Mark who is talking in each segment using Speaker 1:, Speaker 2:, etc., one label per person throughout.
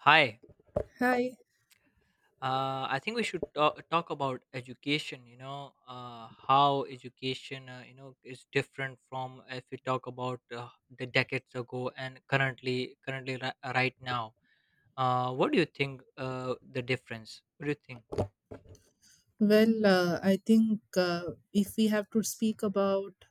Speaker 1: Hi.
Speaker 2: Hi.
Speaker 1: I think we should talk about education. How education, is different. From if we talk about the decades ago and right now. What do you think? The difference. What do you think?
Speaker 2: Well, I think if we have to speak about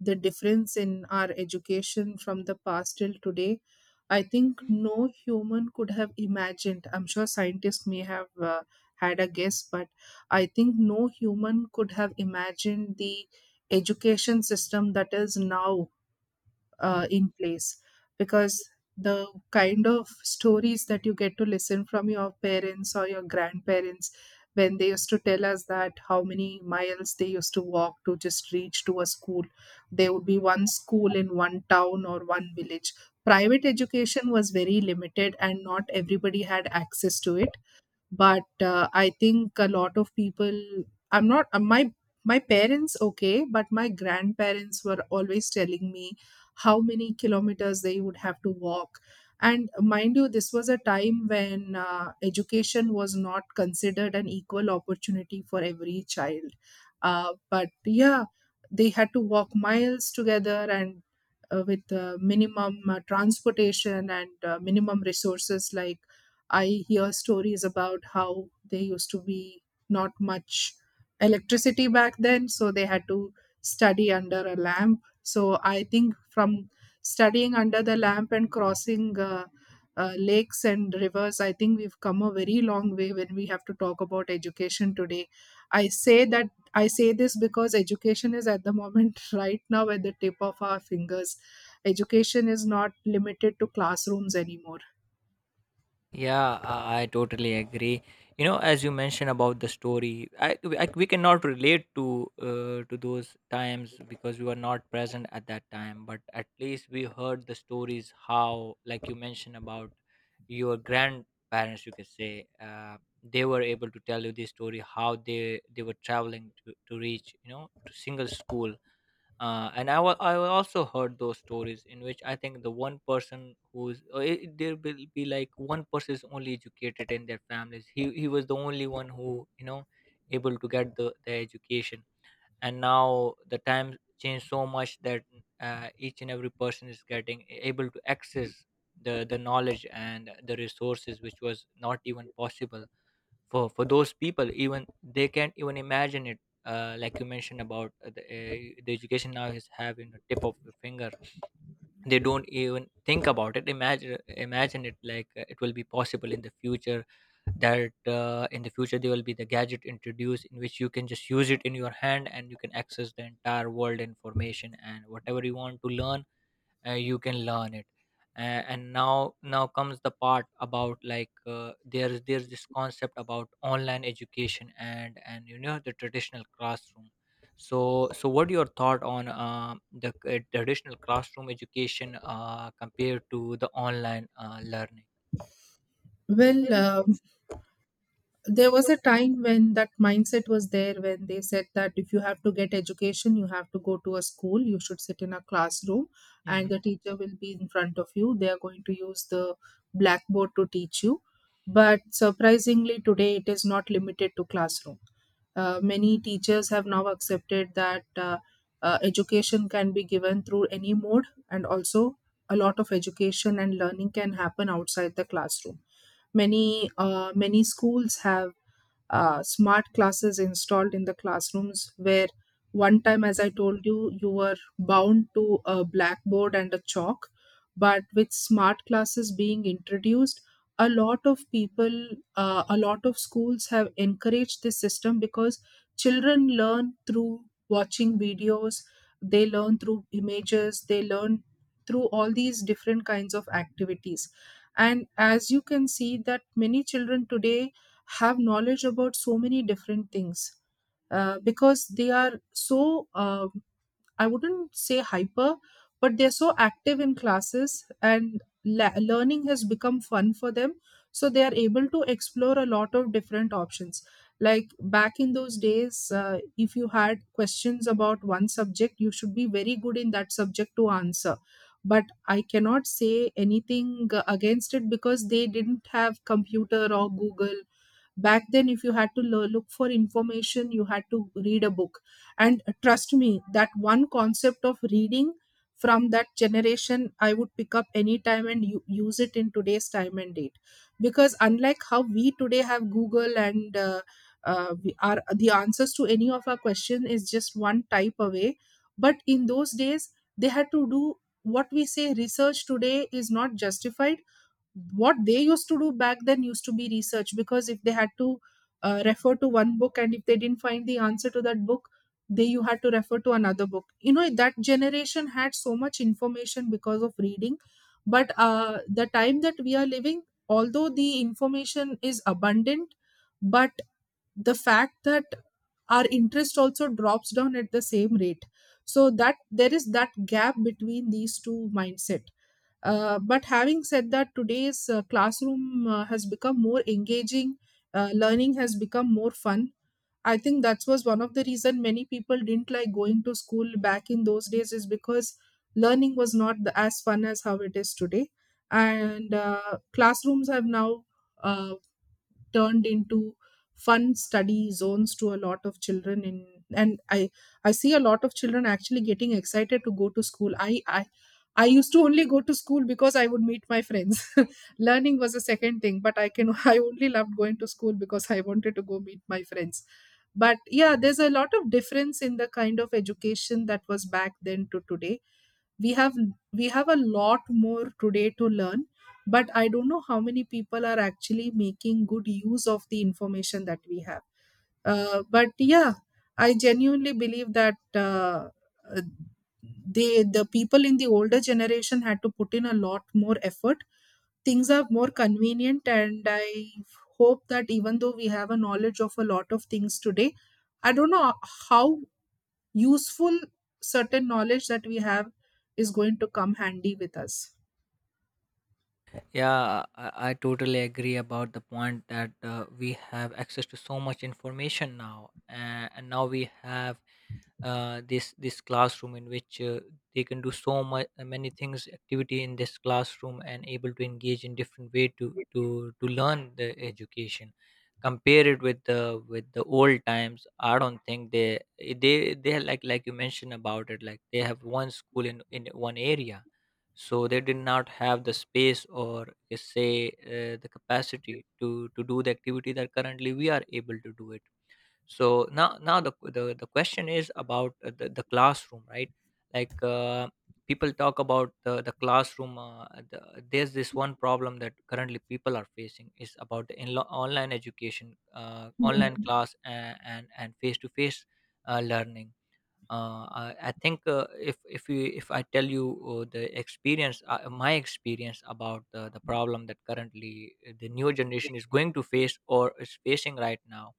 Speaker 2: the difference in our education from the past till today, I think no human could have imagined. I'm sure scientists may have had a guess, but I think no human could have imagined the education system that is now in place because the kind of stories that you get to listen from your parents or your grandparents when they used to tell us that how many miles they used to walk to just reach to a school, there would be one school in one town or one village. Private education was very limited and not everybody had access to it, but I think a lot of people, I'm not my parents okay, but my grandparents were always telling me how many kilometers they would have to walk. And mind you, this was a time when education was not considered an equal opportunity for every child. But yeah, they had to walk miles together, and with minimum transportation and minimum resources. Like, I hear stories about how there used to be not much electricity back then, so they had to study under a lamp. So I think from studying under the lamp and crossing lakes and rivers, I think we've come a very long way when we have to talk about education today. I say that I say this because education is at the moment right now at the tip of our fingers. Education is not limited to classrooms anymore.
Speaker 1: Yeah, I totally agree. You know, as you mentioned about the story, I we cannot relate to those times because we were not present at that time. But at least we heard the stories. How, like you mentioned about your grandparents, you could say they were able to tell you the story how they were traveling to reach, you know, to single school. I also heard those stories, in which I think the one person who's there will be like one person is only educated in their families. He was the only one who, you know, able to get the education, and now the times changed so much that each and every person is getting able to access the knowledge and the resources, which was not even possible for those people. Even they can't even imagine it. Like you mentioned about the education now is having a tip of the finger. They don't even think about it. Imagine it, like, it will be possible in the future that in the future there will be the gadget introduced in which you can just use it in your hand, and you can access the entire world information and whatever you want to learn, you can learn it. Uh, and now now comes the part about, like, there's this concept about online education and, you know, the traditional classroom. So what your thought on the traditional classroom education compared to the online learning?
Speaker 2: Well, there was a time when that mindset was there, when they said that if you have to get education, you have to go to a school, you should sit in a classroom, and
Speaker 1: Mm-hmm.
Speaker 2: the teacher will be in front of you, they are going to use the blackboard to teach you. But surprisingly, today it is not limited to classroom. Many teachers have now accepted that education can be given through any mode, and also a lot of education and learning can happen outside the classroom. Many many schools have smart classes installed in the classrooms, where one time, as I told you, you were bound to a blackboard and a chalk. But with smart classes being introduced, a lot of people, a lot of schools have encouraged this system because children learn through watching videos, they learn through images, they learn through all these different kinds of activities. And as you can see that many children today have knowledge about so many different things, because they are so, I wouldn't say hyper, but they're so active in classes, and learning has become fun for them, so they are able to explore a lot of different options. Like, back in those days, if you had questions about one subject, you should be very good in that subject to answer. But I cannot say anything against it because they didn't have computer or Google. Back then, if you had to look for information, you had to read a book. And trust me, that one concept of reading from that generation, I would pick up any time and use it in today's time and date. Because unlike how we today have Google and we are the answers to any of our question is just one type away. But in those days, they had to do, what we say research today is not justified. What they used to do back then used to be research, because if they had to refer to one book, and if they didn't find the answer to that book, they you had to refer to another book. You know, that generation had so much information because of reading. But the time that we are living, although the information is abundant, but the fact that our interest also drops down at the same rate, so that there is that gap between these two mindset. But having said that, today's classroom has become more engaging. Learning has become more fun. I think that was one of the reason many people didn't like going to school back in those days, is because learning was not as fun as how it is today. And classrooms have now uh, turned into fun study zones to a lot of children. In and i i see a lot of children actually getting excited to go to school. I used to only go to school because I would meet my friends. Learning was a second thing, but I can I only loved going to school because I wanted to go meet my friends. But yeah, there's a lot of difference in the kind of education that was back then to today. we have we have a lot more today to learn, but I don't know how many people are actually making good use of the information that we have. But yeah, I genuinely believe that uh, the people in the older generation had to put in a lot more effort. Things are more convenient, and I hope that even though we have a knowledge of a lot of things today, I don't know how useful certain knowledge that we have is going to come handy with us.
Speaker 1: Yeah, I totally agree about the point that we have access to so much information now, and now we have this classroom in which they can do so much many things activity in this classroom and able to engage in different way to to learn the education. Compare it with the old times. I don't think they like you mentioned about it. Like, they have one school in one area, so they did not have the space, or you can say the capacity to do the activity that currently we are able to do it. So now the question is about the classroom, right? like uh, People talk about the classroom. There's this one problem that currently people are facing is about the online education, online class, and and face-to-face learning. I think, if I tell you the experience, my experience about the problem that currently the new generation is going to face or is facing right now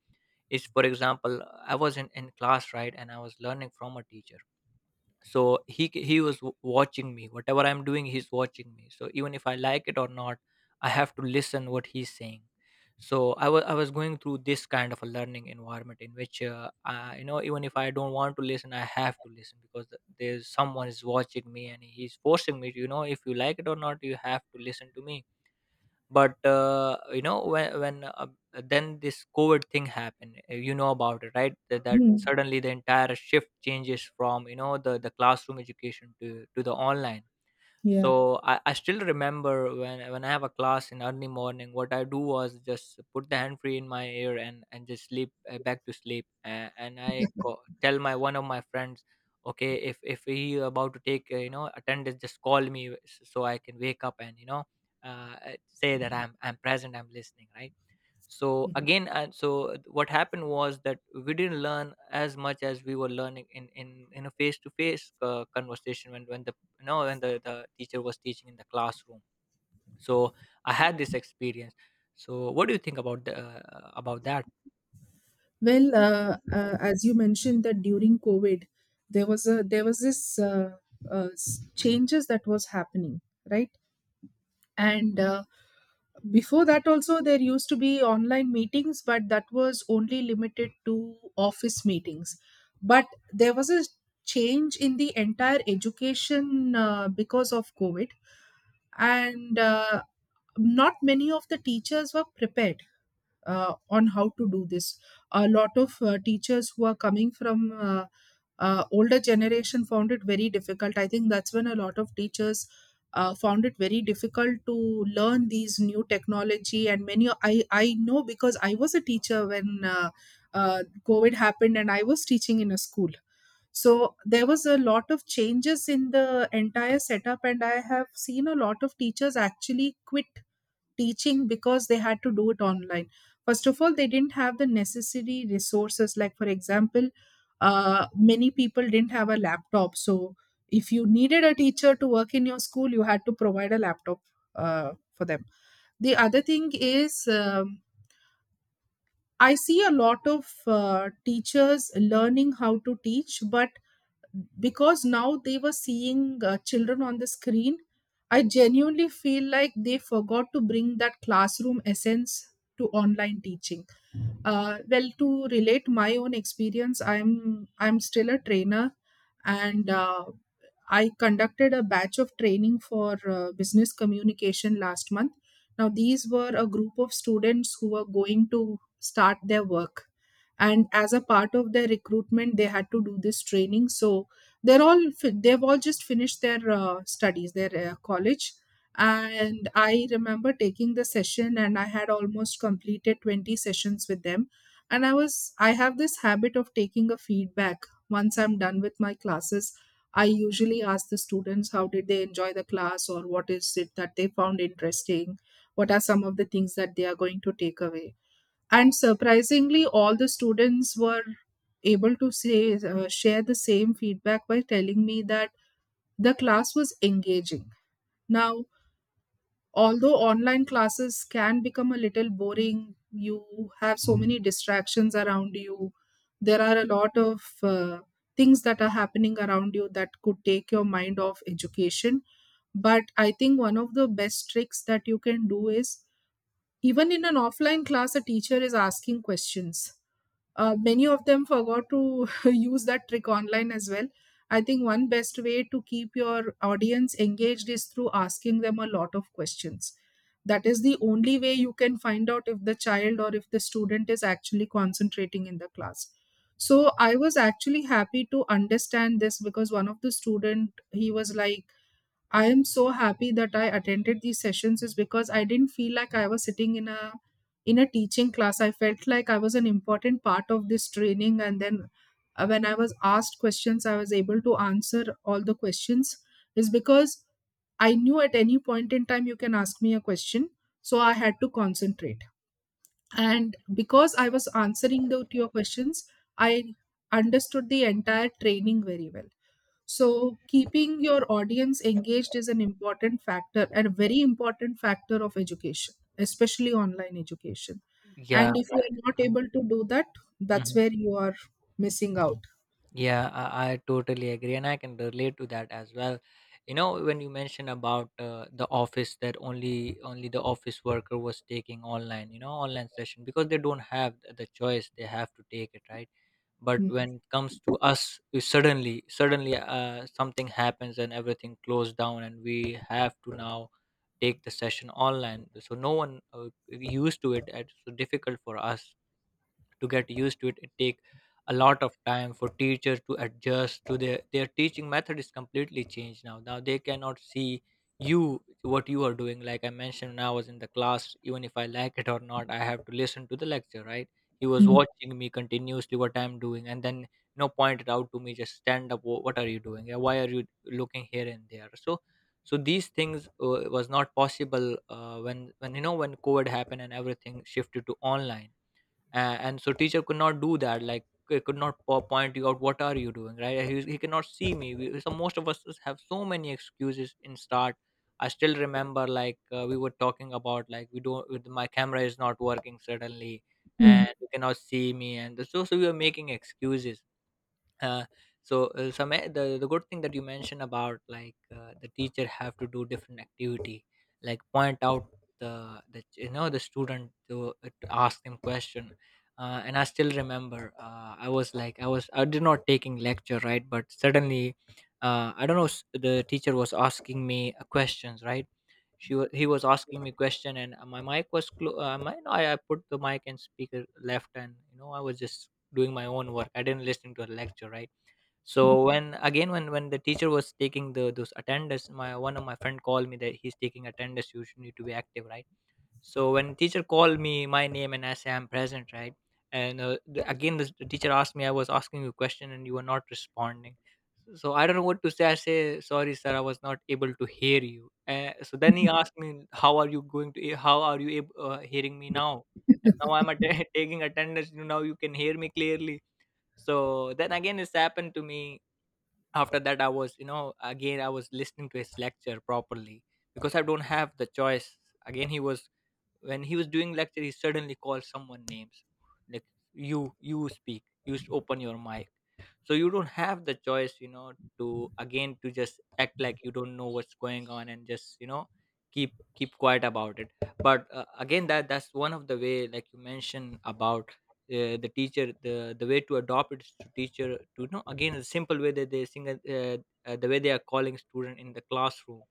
Speaker 1: is, for example, I was in class, right, and I was learning from a teacher. So he watching me whatever I'm doing. He's watching me, so even if I like it or not, I have to listen what he's saying. So I was going through this kind of a learning environment in which, I, you know, even if I don't want to listen, I have to listen because there's someone is watching me, and he's forcing me to, you know, if you like it or not, you have to listen to me. But you know when then this COVID thing happened. You know about it, right? That
Speaker 2: Mhm.
Speaker 1: suddenly the entire shift changes from, you know, the classroom education to the online.
Speaker 2: Yeah.
Speaker 1: So I still remember when I have a class in early morning, what I do was just put the hand free in my ear and just sleep, back to sleep. And tell my one of my friends, okay, if he about to take, you know, attendance, just call me so I can wake up, and you know, say that I'm present, I'm listening, right? So again, so what happened was that we didn't learn as much as we were learning in in a face-to-face conversation, when the you know when the teacher was teaching in the classroom. So I had this experience. So what do you think about the, about that?
Speaker 2: Well, as you mentioned that during COVID, there was a there was this changes that was happening, right? And before that, also there used to be online meetings, but that was only limited to office meetings. But there was a change in the entire education because of COVID, and not many of the teachers were prepared on how to do this. A lot of teachers who are coming from older generation found it very difficult. I think that's when a lot of teachers found it very difficult to learn these new technology. And many, I know because I was a teacher when uh, COVID happened, and I was teaching in a school. So there was a lot of changes in the entire setup, and I have seen a lot of teachers actually quit teaching because they had to do it online. First of all, they didn't have the necessary resources. Like, for example, many people didn't have a laptop. So if you needed a teacher to work in your school, you had to provide a laptop for them. The other thing is, I see a lot of teachers learning how to teach, but because now they were seeing children on the screen, I genuinely feel like they forgot to bring that classroom essence to online teaching. Well, to relate my own experience, I'm still a trainer. And I conducted a batch of training for business communication last month. Now, these were a group of students who were going to start their work. And as a part of their recruitment, they had to do this training. So they've all just finished their studies, their college. And I remember taking the session, and I had almost completed 20 sessions with them. And I have this habit of taking a feedback once I'm done with my classes. I usually ask the students how did they enjoy the class, or what is it that they found interesting? What are some of the things that they are going to take away? And surprisingly, all the students were able to say, share the same feedback by telling me that the class was engaging. Now, although online classes can become a little boring, you have so many distractions around you, there are a lot of things that are happening around you that could take your mind off education. But I think one of the best tricks that you can do is, even in an offline class, a teacher is asking questions. Many of them forgot to use that trick online as well. I think one best way to keep your audience engaged is through asking them a lot of questions. That is the only way you can find out if the child or if the student is actually concentrating in the class. So I was actually happy to understand this, because one of the student, he was like, I am so happy that I attended these sessions is because I didn't feel like I was sitting in a teaching class. I felt like I was an important part of this training. And then when I was asked questions, I was able to answer all the questions, is because I knew at any point in time you can ask me a question, so I had to concentrate. And because I was answering the, to your questions, I understood the entire training very well. So keeping your audience engaged is an important factor, and a very important factor of education, especially online education.
Speaker 1: Yeah.
Speaker 2: And if you are not able to do that, that's
Speaker 1: Mm-hmm.
Speaker 2: where you are missing out.
Speaker 1: Yeah, I totally agree, and I can relate to that as well. You know, when you mention about the office, that only the office worker was taking online, you know, online session, because they don't have the choice; they have to take it, right? But
Speaker 2: Mm,
Speaker 1: when it comes to us, we suddenly, something happens and everything closed down, and we have to now take the session online. So no one used to it, and it's so difficult for us to get used to it. It take a lot of time for teachers to adjust to their teaching method is completely changed. Now they cannot see you what you are doing. Like I mentioned, when I was in the class, even if I like it or not, I have to listen to the lecture, right? He was
Speaker 2: mm,
Speaker 1: watching me continuously what I'm doing, and then, you know, pointed out to me, just stand up, what are you doing? Yeah, why are you looking here and there? So these things was not possible when you know when COVID happened and everything shifted to online. Uh, and so teacher could not do that, like could not point you out what are you doing, right? He cannot see me, we, so most of us have so many excuses in start. I still remember, like, we were talking about, like, we don't, with my camera is not working suddenly,
Speaker 2: mm,
Speaker 1: and you cannot see me. And so we were making excuses. uh, the good thing that you mentioned about, like, the teacher have to do different activity, like point out the you know, the student to ask them question. Uh, and I still remember, I was like I was I did not taking lecture, right? But suddenly, I don't know, the teacher was asking me questions, right? She was he was asking me question, and my mic was clo- my, no, I put the mic and speaker left, and you know, I was just doing my own work. I didn't listen to a lecture, right? So when again when the teacher was taking the those attendance, my one of my friend called me that he's taking attendance, you should need to be active, right? So when teacher called me my name, and I say I'm present, right? And the teacher asked me, I was asking you a question and you were not responding. So I don't know what to say. I say sorry sir, I was not able to hear you. Uh, so then he asked me, how are you going to, how are you hearing me now? And now I'm taking attendance, now you can hear me clearly. So then again, this happened to me. After that, I was, you know, again, I was listening to his lecture properly because I don't have the choice. Again, he was, when he was doing lecture, he suddenly called someone names like, you speak, open your mic. So you don't have the choice to again to just act like you don't know what's going on, and just keep quiet about it. But again, that's one of the way like you mentioned about the teacher, the way to adopt it is to teacher, to again, the simple way that they sing, the way they are calling student in the classroom,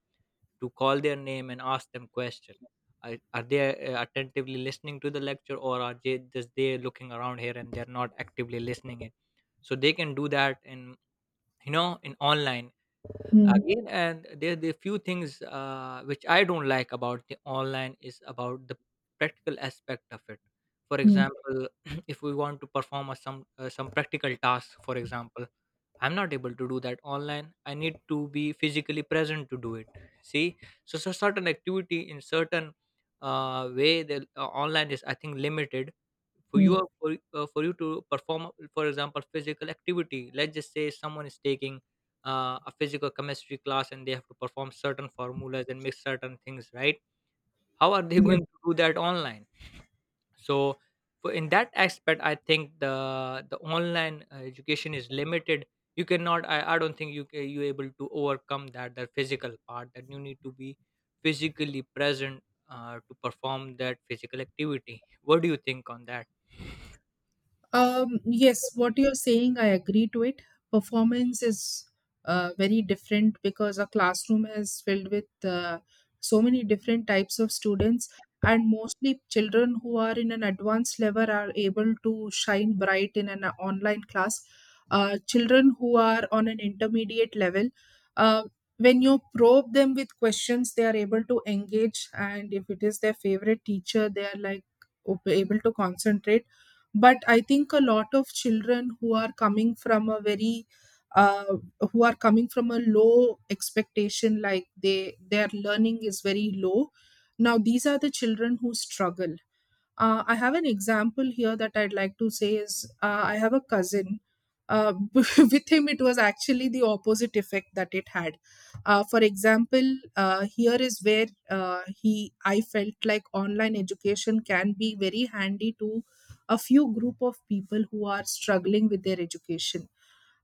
Speaker 1: to call their name and ask them question. Are they attentively listening to the lecture, or are they just they looking around here and they're not actively listening it? So they can do that in, in online again. And there the few things which I don't like about the online is about the practical aspect of it. For example, if we want to perform some practical task. For example, I'm not able to do that online. I need to be physically present to do it. See. So certain activity in certain way, the online is, I think, limited. For you to perform, for example, physical activity. Let's just say someone is taking a physical chemistry class and they have to perform certain formulas and mix certain things, right? How are they going
Speaker 2: mm.
Speaker 1: to do that online? So for in that aspect, I think the online education is limited. You cannot, I don't think you able to overcome that physical part that you need to be physically present to perform that physical activity. What do you think on that?
Speaker 2: Yes, what you're saying, I agree to it. Performance is very different because a classroom is filled with so many different types of students, and mostly children who are in an advanced level are able to shine bright in an online class. Children who are on an intermediate level, uh, when you probe them with questions, they are able to engage, and if it is their favorite teacher, they are like able to concentrate. But I think a lot of children who are coming from a very uh, who are coming from a low expectation, like they their learning is very low. Now these are the children who struggle. I have an example here that I'd like to say is I have a cousin. With him, it was actually the opposite effect that it had. For example, here is where he, I felt like online education can be very handy to a few group of people who are struggling with their education.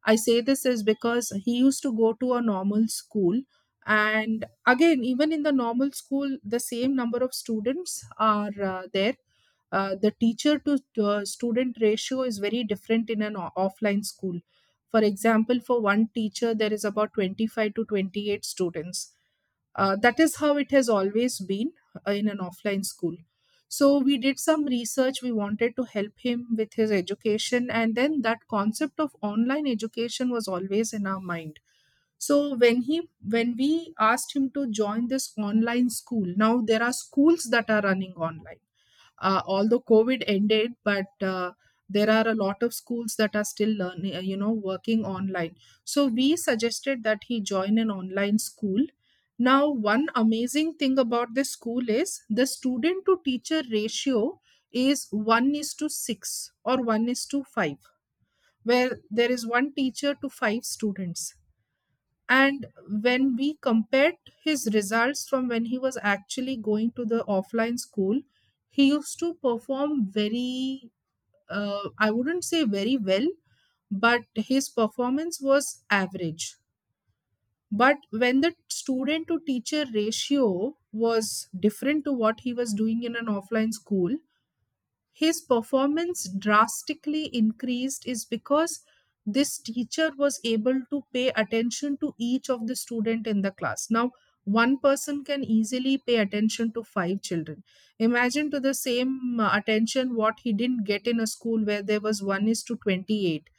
Speaker 2: I say this is because he used to go to a normal school. And again, even in the normal school, the same number of students are there. The teacher to student ratio is very different in an offline school. For example, for one teacher there is about 25 to 28 students. That is how it has always been, in an offline school. So we did some research. We wanted to help him with his education, and then that concept of online education was always in our mind. So when he, when we asked him to join this online school, now there are schools that are running online. Although COVID ended, but there are a lot of schools that are still learning, you know, working online. So we suggested that he join an online school. Now one amazing thing about this school is the student to teacher ratio is 1 is to 6 or 1 is to 5, where there is one teacher to five students. And when we compared his results from when he was actually going to the offline school, he used to perform very, I wouldn't say very well, but his performance was average. But when the student to teacher ratio was different to what he was doing in an offline school, his performance drastically increased, is because this teacher was able to pay attention to each of the student in the class. Now one person can easily pay attention to five children. Imagine to the same attention what he didn't get in a school where there was 1 is to 28.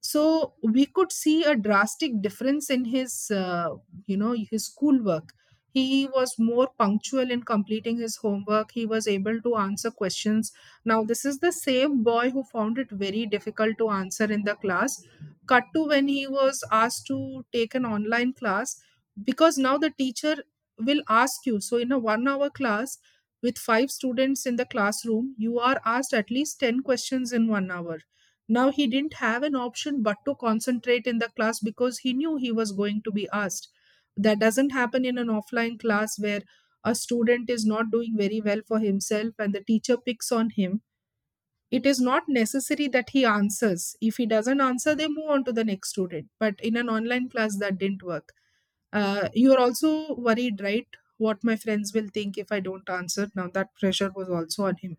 Speaker 2: So we could see a drastic difference in his, you know, his schoolwork. He was more punctual in completing his homework. He was able to answer questions. Now this is the same boy who found it very difficult to answer in the class, cut to when he was asked to take an online class. Because now the teacher will ask you, so in a 1 hour class with five students in the classroom, you are asked at least 10 questions in 1 hour. Now he didn't have an option but to concentrate in the class because he knew he was going to be asked. That doesn't happen in an offline class where a student is not doing very well for himself and the teacher picks on him. It is not necessary that he answers. If he doesn't answer, they move on to the next student. But in an online class, that didn't work. You are also worried, right? What my friends will think if I don't answer. Now, that pressure was also on him,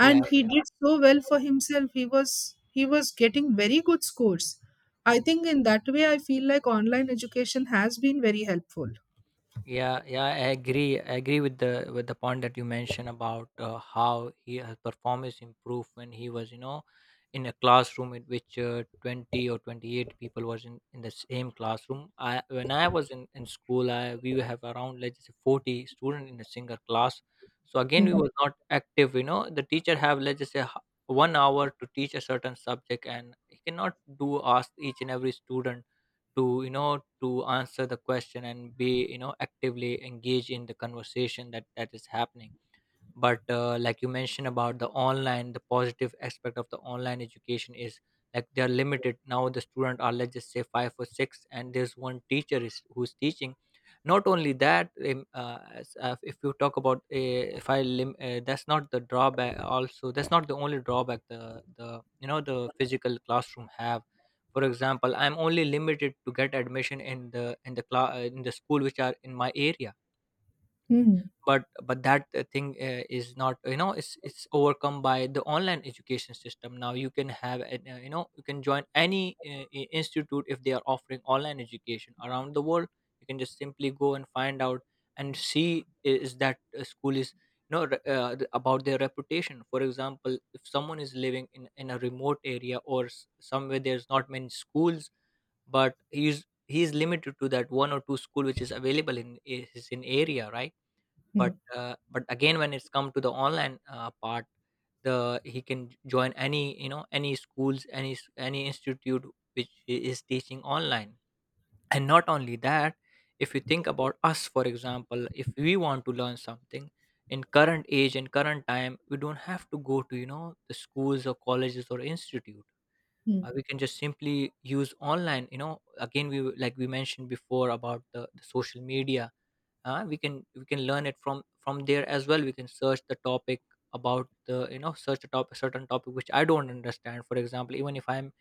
Speaker 1: Yeah.
Speaker 2: he did so well for himself. He was, he was getting very good scores. I
Speaker 1: Yeah.
Speaker 2: think in that way I feel like online education has been very helpful.
Speaker 1: Yeah, yeah, I agree. I agree with the point that you mentioned about how he his performance improved when he was, in a classroom in which 20 or 28 people was in the same classroom. I when I was in school, I we have around, let's say, 40 students in a single class. So again, we
Speaker 2: Mm,
Speaker 1: were not active. You know, the teacher have, let's just say, 1 hour to teach a certain subject, and he cannot do ask each and every student to you know to answer the question and be actively engaged in the conversation that is happening. But like you mentioned about the online, the positive aspect of the online education is, like, they're limited. Now the student are, let's just say, five or six, and there's one teacher is who's teaching. Not only that, if you talk about, if I lim- that's not the drawback also. That's not the only drawback the you know the physical classroom have. For example, I'm only limited to get admission in the class in the school which are in my area.
Speaker 2: mm,
Speaker 1: But that thing is not, it's overcome by the online education system. Now you can have an, you can join any institute if they are offering online education around the world. You can just simply go and find out and see is that school is, about their reputation. For example, if someone is living in a remote area or somewhere, there's not many schools. But he's limited to that one or two school which is available in I- his in area, right? But
Speaker 2: mm,
Speaker 1: but again, when it's come to the online part, the he can join any, any schools, any institute which he is teaching online. And not only that, if you think about us, for example, if we want to learn something in current age and current time, we don't have to go to the schools or colleges or institute.
Speaker 2: mm,
Speaker 1: We can just simply use online. Again, like we mentioned before about the social media. We can learn it from there as well. We can search the topic, about the you know search a topic, certain topic which I don't understand. For example, even if I'm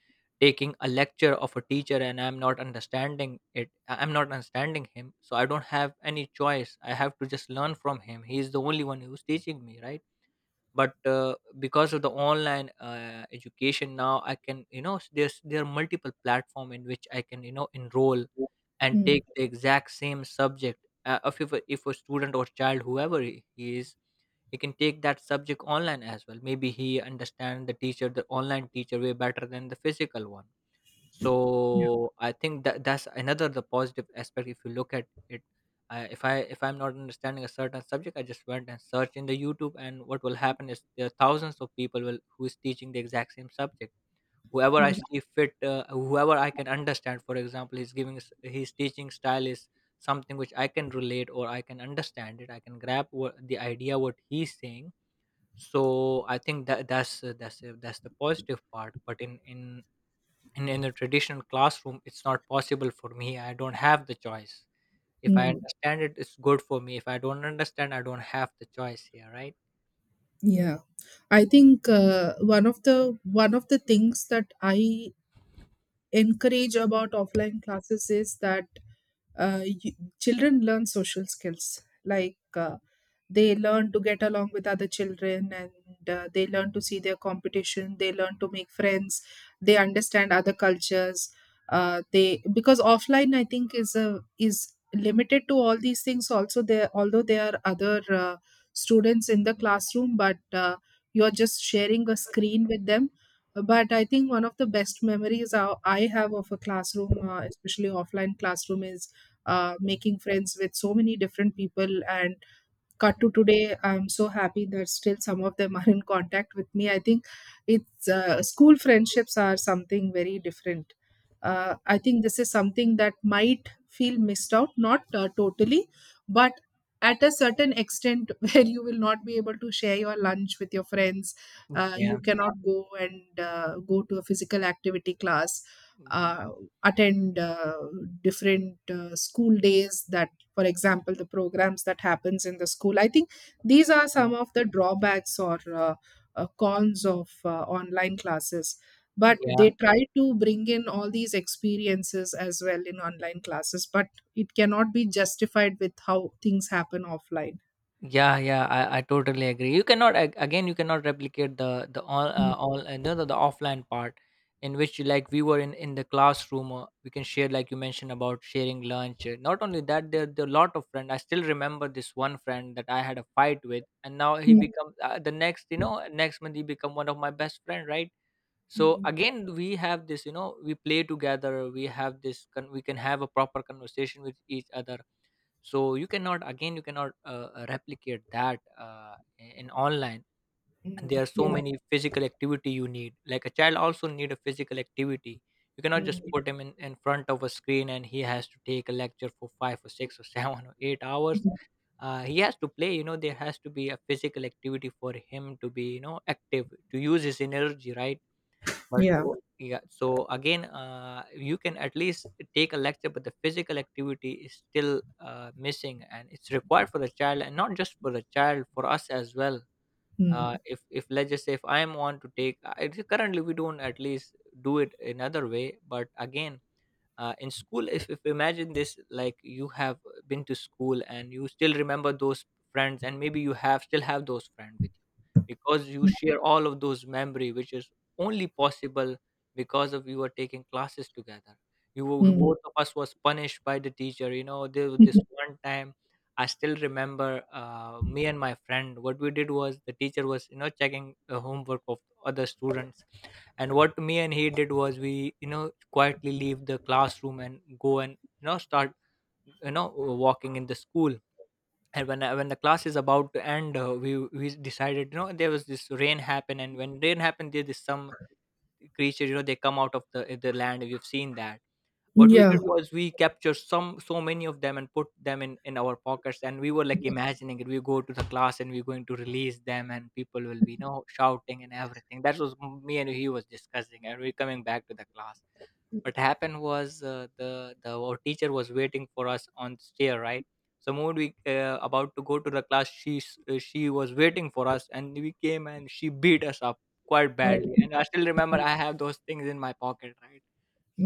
Speaker 1: taking a lecture of a teacher and I'm not understanding it, I'm not understanding him, so I don't have any choice. I have to just learn from him. He is the only one who's teaching me, right? But because of the online education, now I can, there are multiple platform in which I can, enroll and
Speaker 2: mm,
Speaker 1: take the exact same subject. If a student or child, whoever he is, he can take that subject online as well. Maybe he understand the teacher, the online teacher, way better than the physical one. So I think that's another the positive aspect if you look at it. If I if I'm not understanding a certain subject, I just went and searched in the youtube, and what will happen is there are thousands of people who is teaching the exact same subject. Whoever I
Speaker 2: mm,
Speaker 1: see fit, whoever I can understand. For example, he's giving his teaching style is something which I can relate or I can understand it. I can grab the idea what he's saying. So I think that's the positive part, but in a traditional classroom, it's not possible for me. I don't have the choice. If I
Speaker 2: mm.
Speaker 1: understand it, it's good for me. If I don't understand, I don't have the choice here, right?
Speaker 2: Yeah, I think one of the, one of the things that I encourage about offline classes is that children learn social skills, like they learn to get along with other children, and they learn to see their competition, they learn to make friends, they understand other cultures. They, because offline I think is a, is limited to all these things also. There, although there are other students in the classroom, but you're just sharing a screen with them. But I think one of the best memories I have of a classroom, especially offline classroom, is making friends with so many different people. And cut to today, I'm so happy that still some of them are in contact with me. I think it's, school friendships are something very different. I think this is something that might feel missed out, not totally, but at a certain extent where you will not be able to share your lunch with your friends.
Speaker 1: Mm.
Speaker 2: You
Speaker 1: Yeah.
Speaker 2: cannot go and go to a physical activity class,
Speaker 1: Yeah.
Speaker 2: uh, attend different school days, that, for example, the programs that happens in the school. I think these are some of the drawbacks, or uh, cons of online classes. But they
Speaker 1: Yeah.
Speaker 2: try to bring in all these experiences as well in online classes, but it cannot be justified with how things happen offline.
Speaker 1: Yeah, yeah, I totally agree. You cannot again, you cannot replicate the
Speaker 2: Mm,
Speaker 1: all no, no, the offline part, in which, like, we were in the classroom. We can share, like you mentioned, about sharing lunch. Not only that, there are a lot of friends. I still remember this one friend that I had a fight with, and now he
Speaker 2: mm,
Speaker 1: become the next. Next month he become one of my best friend, right? So
Speaker 2: mm,
Speaker 1: again, we have this you know we play together. We have we can have a proper conversation with each other. So you cannot again you cannot replicate that in online.
Speaker 2: mm,
Speaker 1: There are so
Speaker 2: yeah,
Speaker 1: many physical activity you need, like a child also need a physical activity. You cannot just
Speaker 2: mm,
Speaker 1: put him in front of a screen, and he has to take a lecture for five or six or 7 or 8 hours. He has to play, there has to be a physical activity for him to be, active, to use his energy, right? But
Speaker 2: yeah,
Speaker 1: o yeah, so again, you can at least take a lecture, but the physical activity is still missing, and it's required for the child, and not just for the child, for us as well.
Speaker 2: mm,
Speaker 1: If let's just say, if I am want to take, currently we don't at least do it another way, but again, in school if, imagine this, like you have been to school and you still remember those friends, and maybe you have still have those friends with you because you share all of those memory which is only possible because of you were taking classes together.
Speaker 2: mm,
Speaker 1: Both of us was punished by the teacher, there was this one time. I still remember me and my friend what we did was the teacher was, checking the homework of other students. And what me and he did was, we quietly leave the classroom and go and start, walking in the school. And when the class is about to end, we decided, there was this rain happen, and when rain happened, there is some creature, they come out of the land. We've seen that. What we
Speaker 2: yeah.
Speaker 1: did was we captured some so many of them and put them in our pockets, and we were like imagining it. We go to the class and we're going to release them, and people will be, shouting and everything. That was me and he was discussing, and we're coming back to the class. What happened was, the our teacher was waiting for us on stair, right? So when we about to go to the class, she was waiting for us, and we came and she beat us up quite
Speaker 2: Oh,
Speaker 1: badly. And I still remember I have those things in my pocket, right?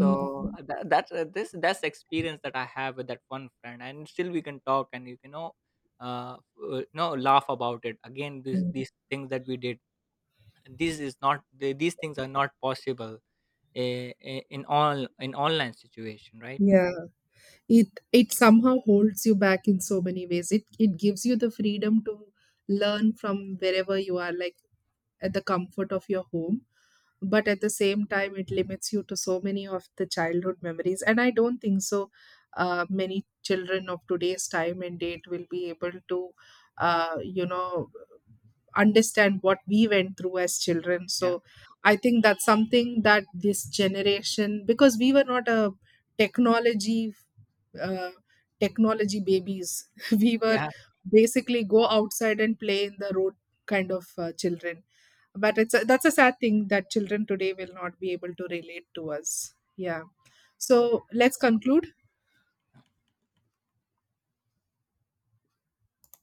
Speaker 1: So that's the experience that I have with that one friend, and still we can talk and you can know, uh, no laugh about it. Again, this
Speaker 2: mm,
Speaker 1: these things that we did, this is not these things are not possible in online situation, right?
Speaker 2: yeah, it somehow holds you back in so many ways. It gives you the freedom to learn from wherever you are, like at the comfort of your home. But at the same time it limits you to so many of the childhood memories. And I don't think so many children of today's time and date will be able to you know, understand what we went through as children.
Speaker 1: Yeah,
Speaker 2: So I think that's something that this generation, because we were not a technology uh, technology babies. We were
Speaker 1: yeah.
Speaker 2: basically go outside and play in the road kind of children. But it's a, that's a sad thing that children today will not be able to relate to us. Yeah. So let's conclude.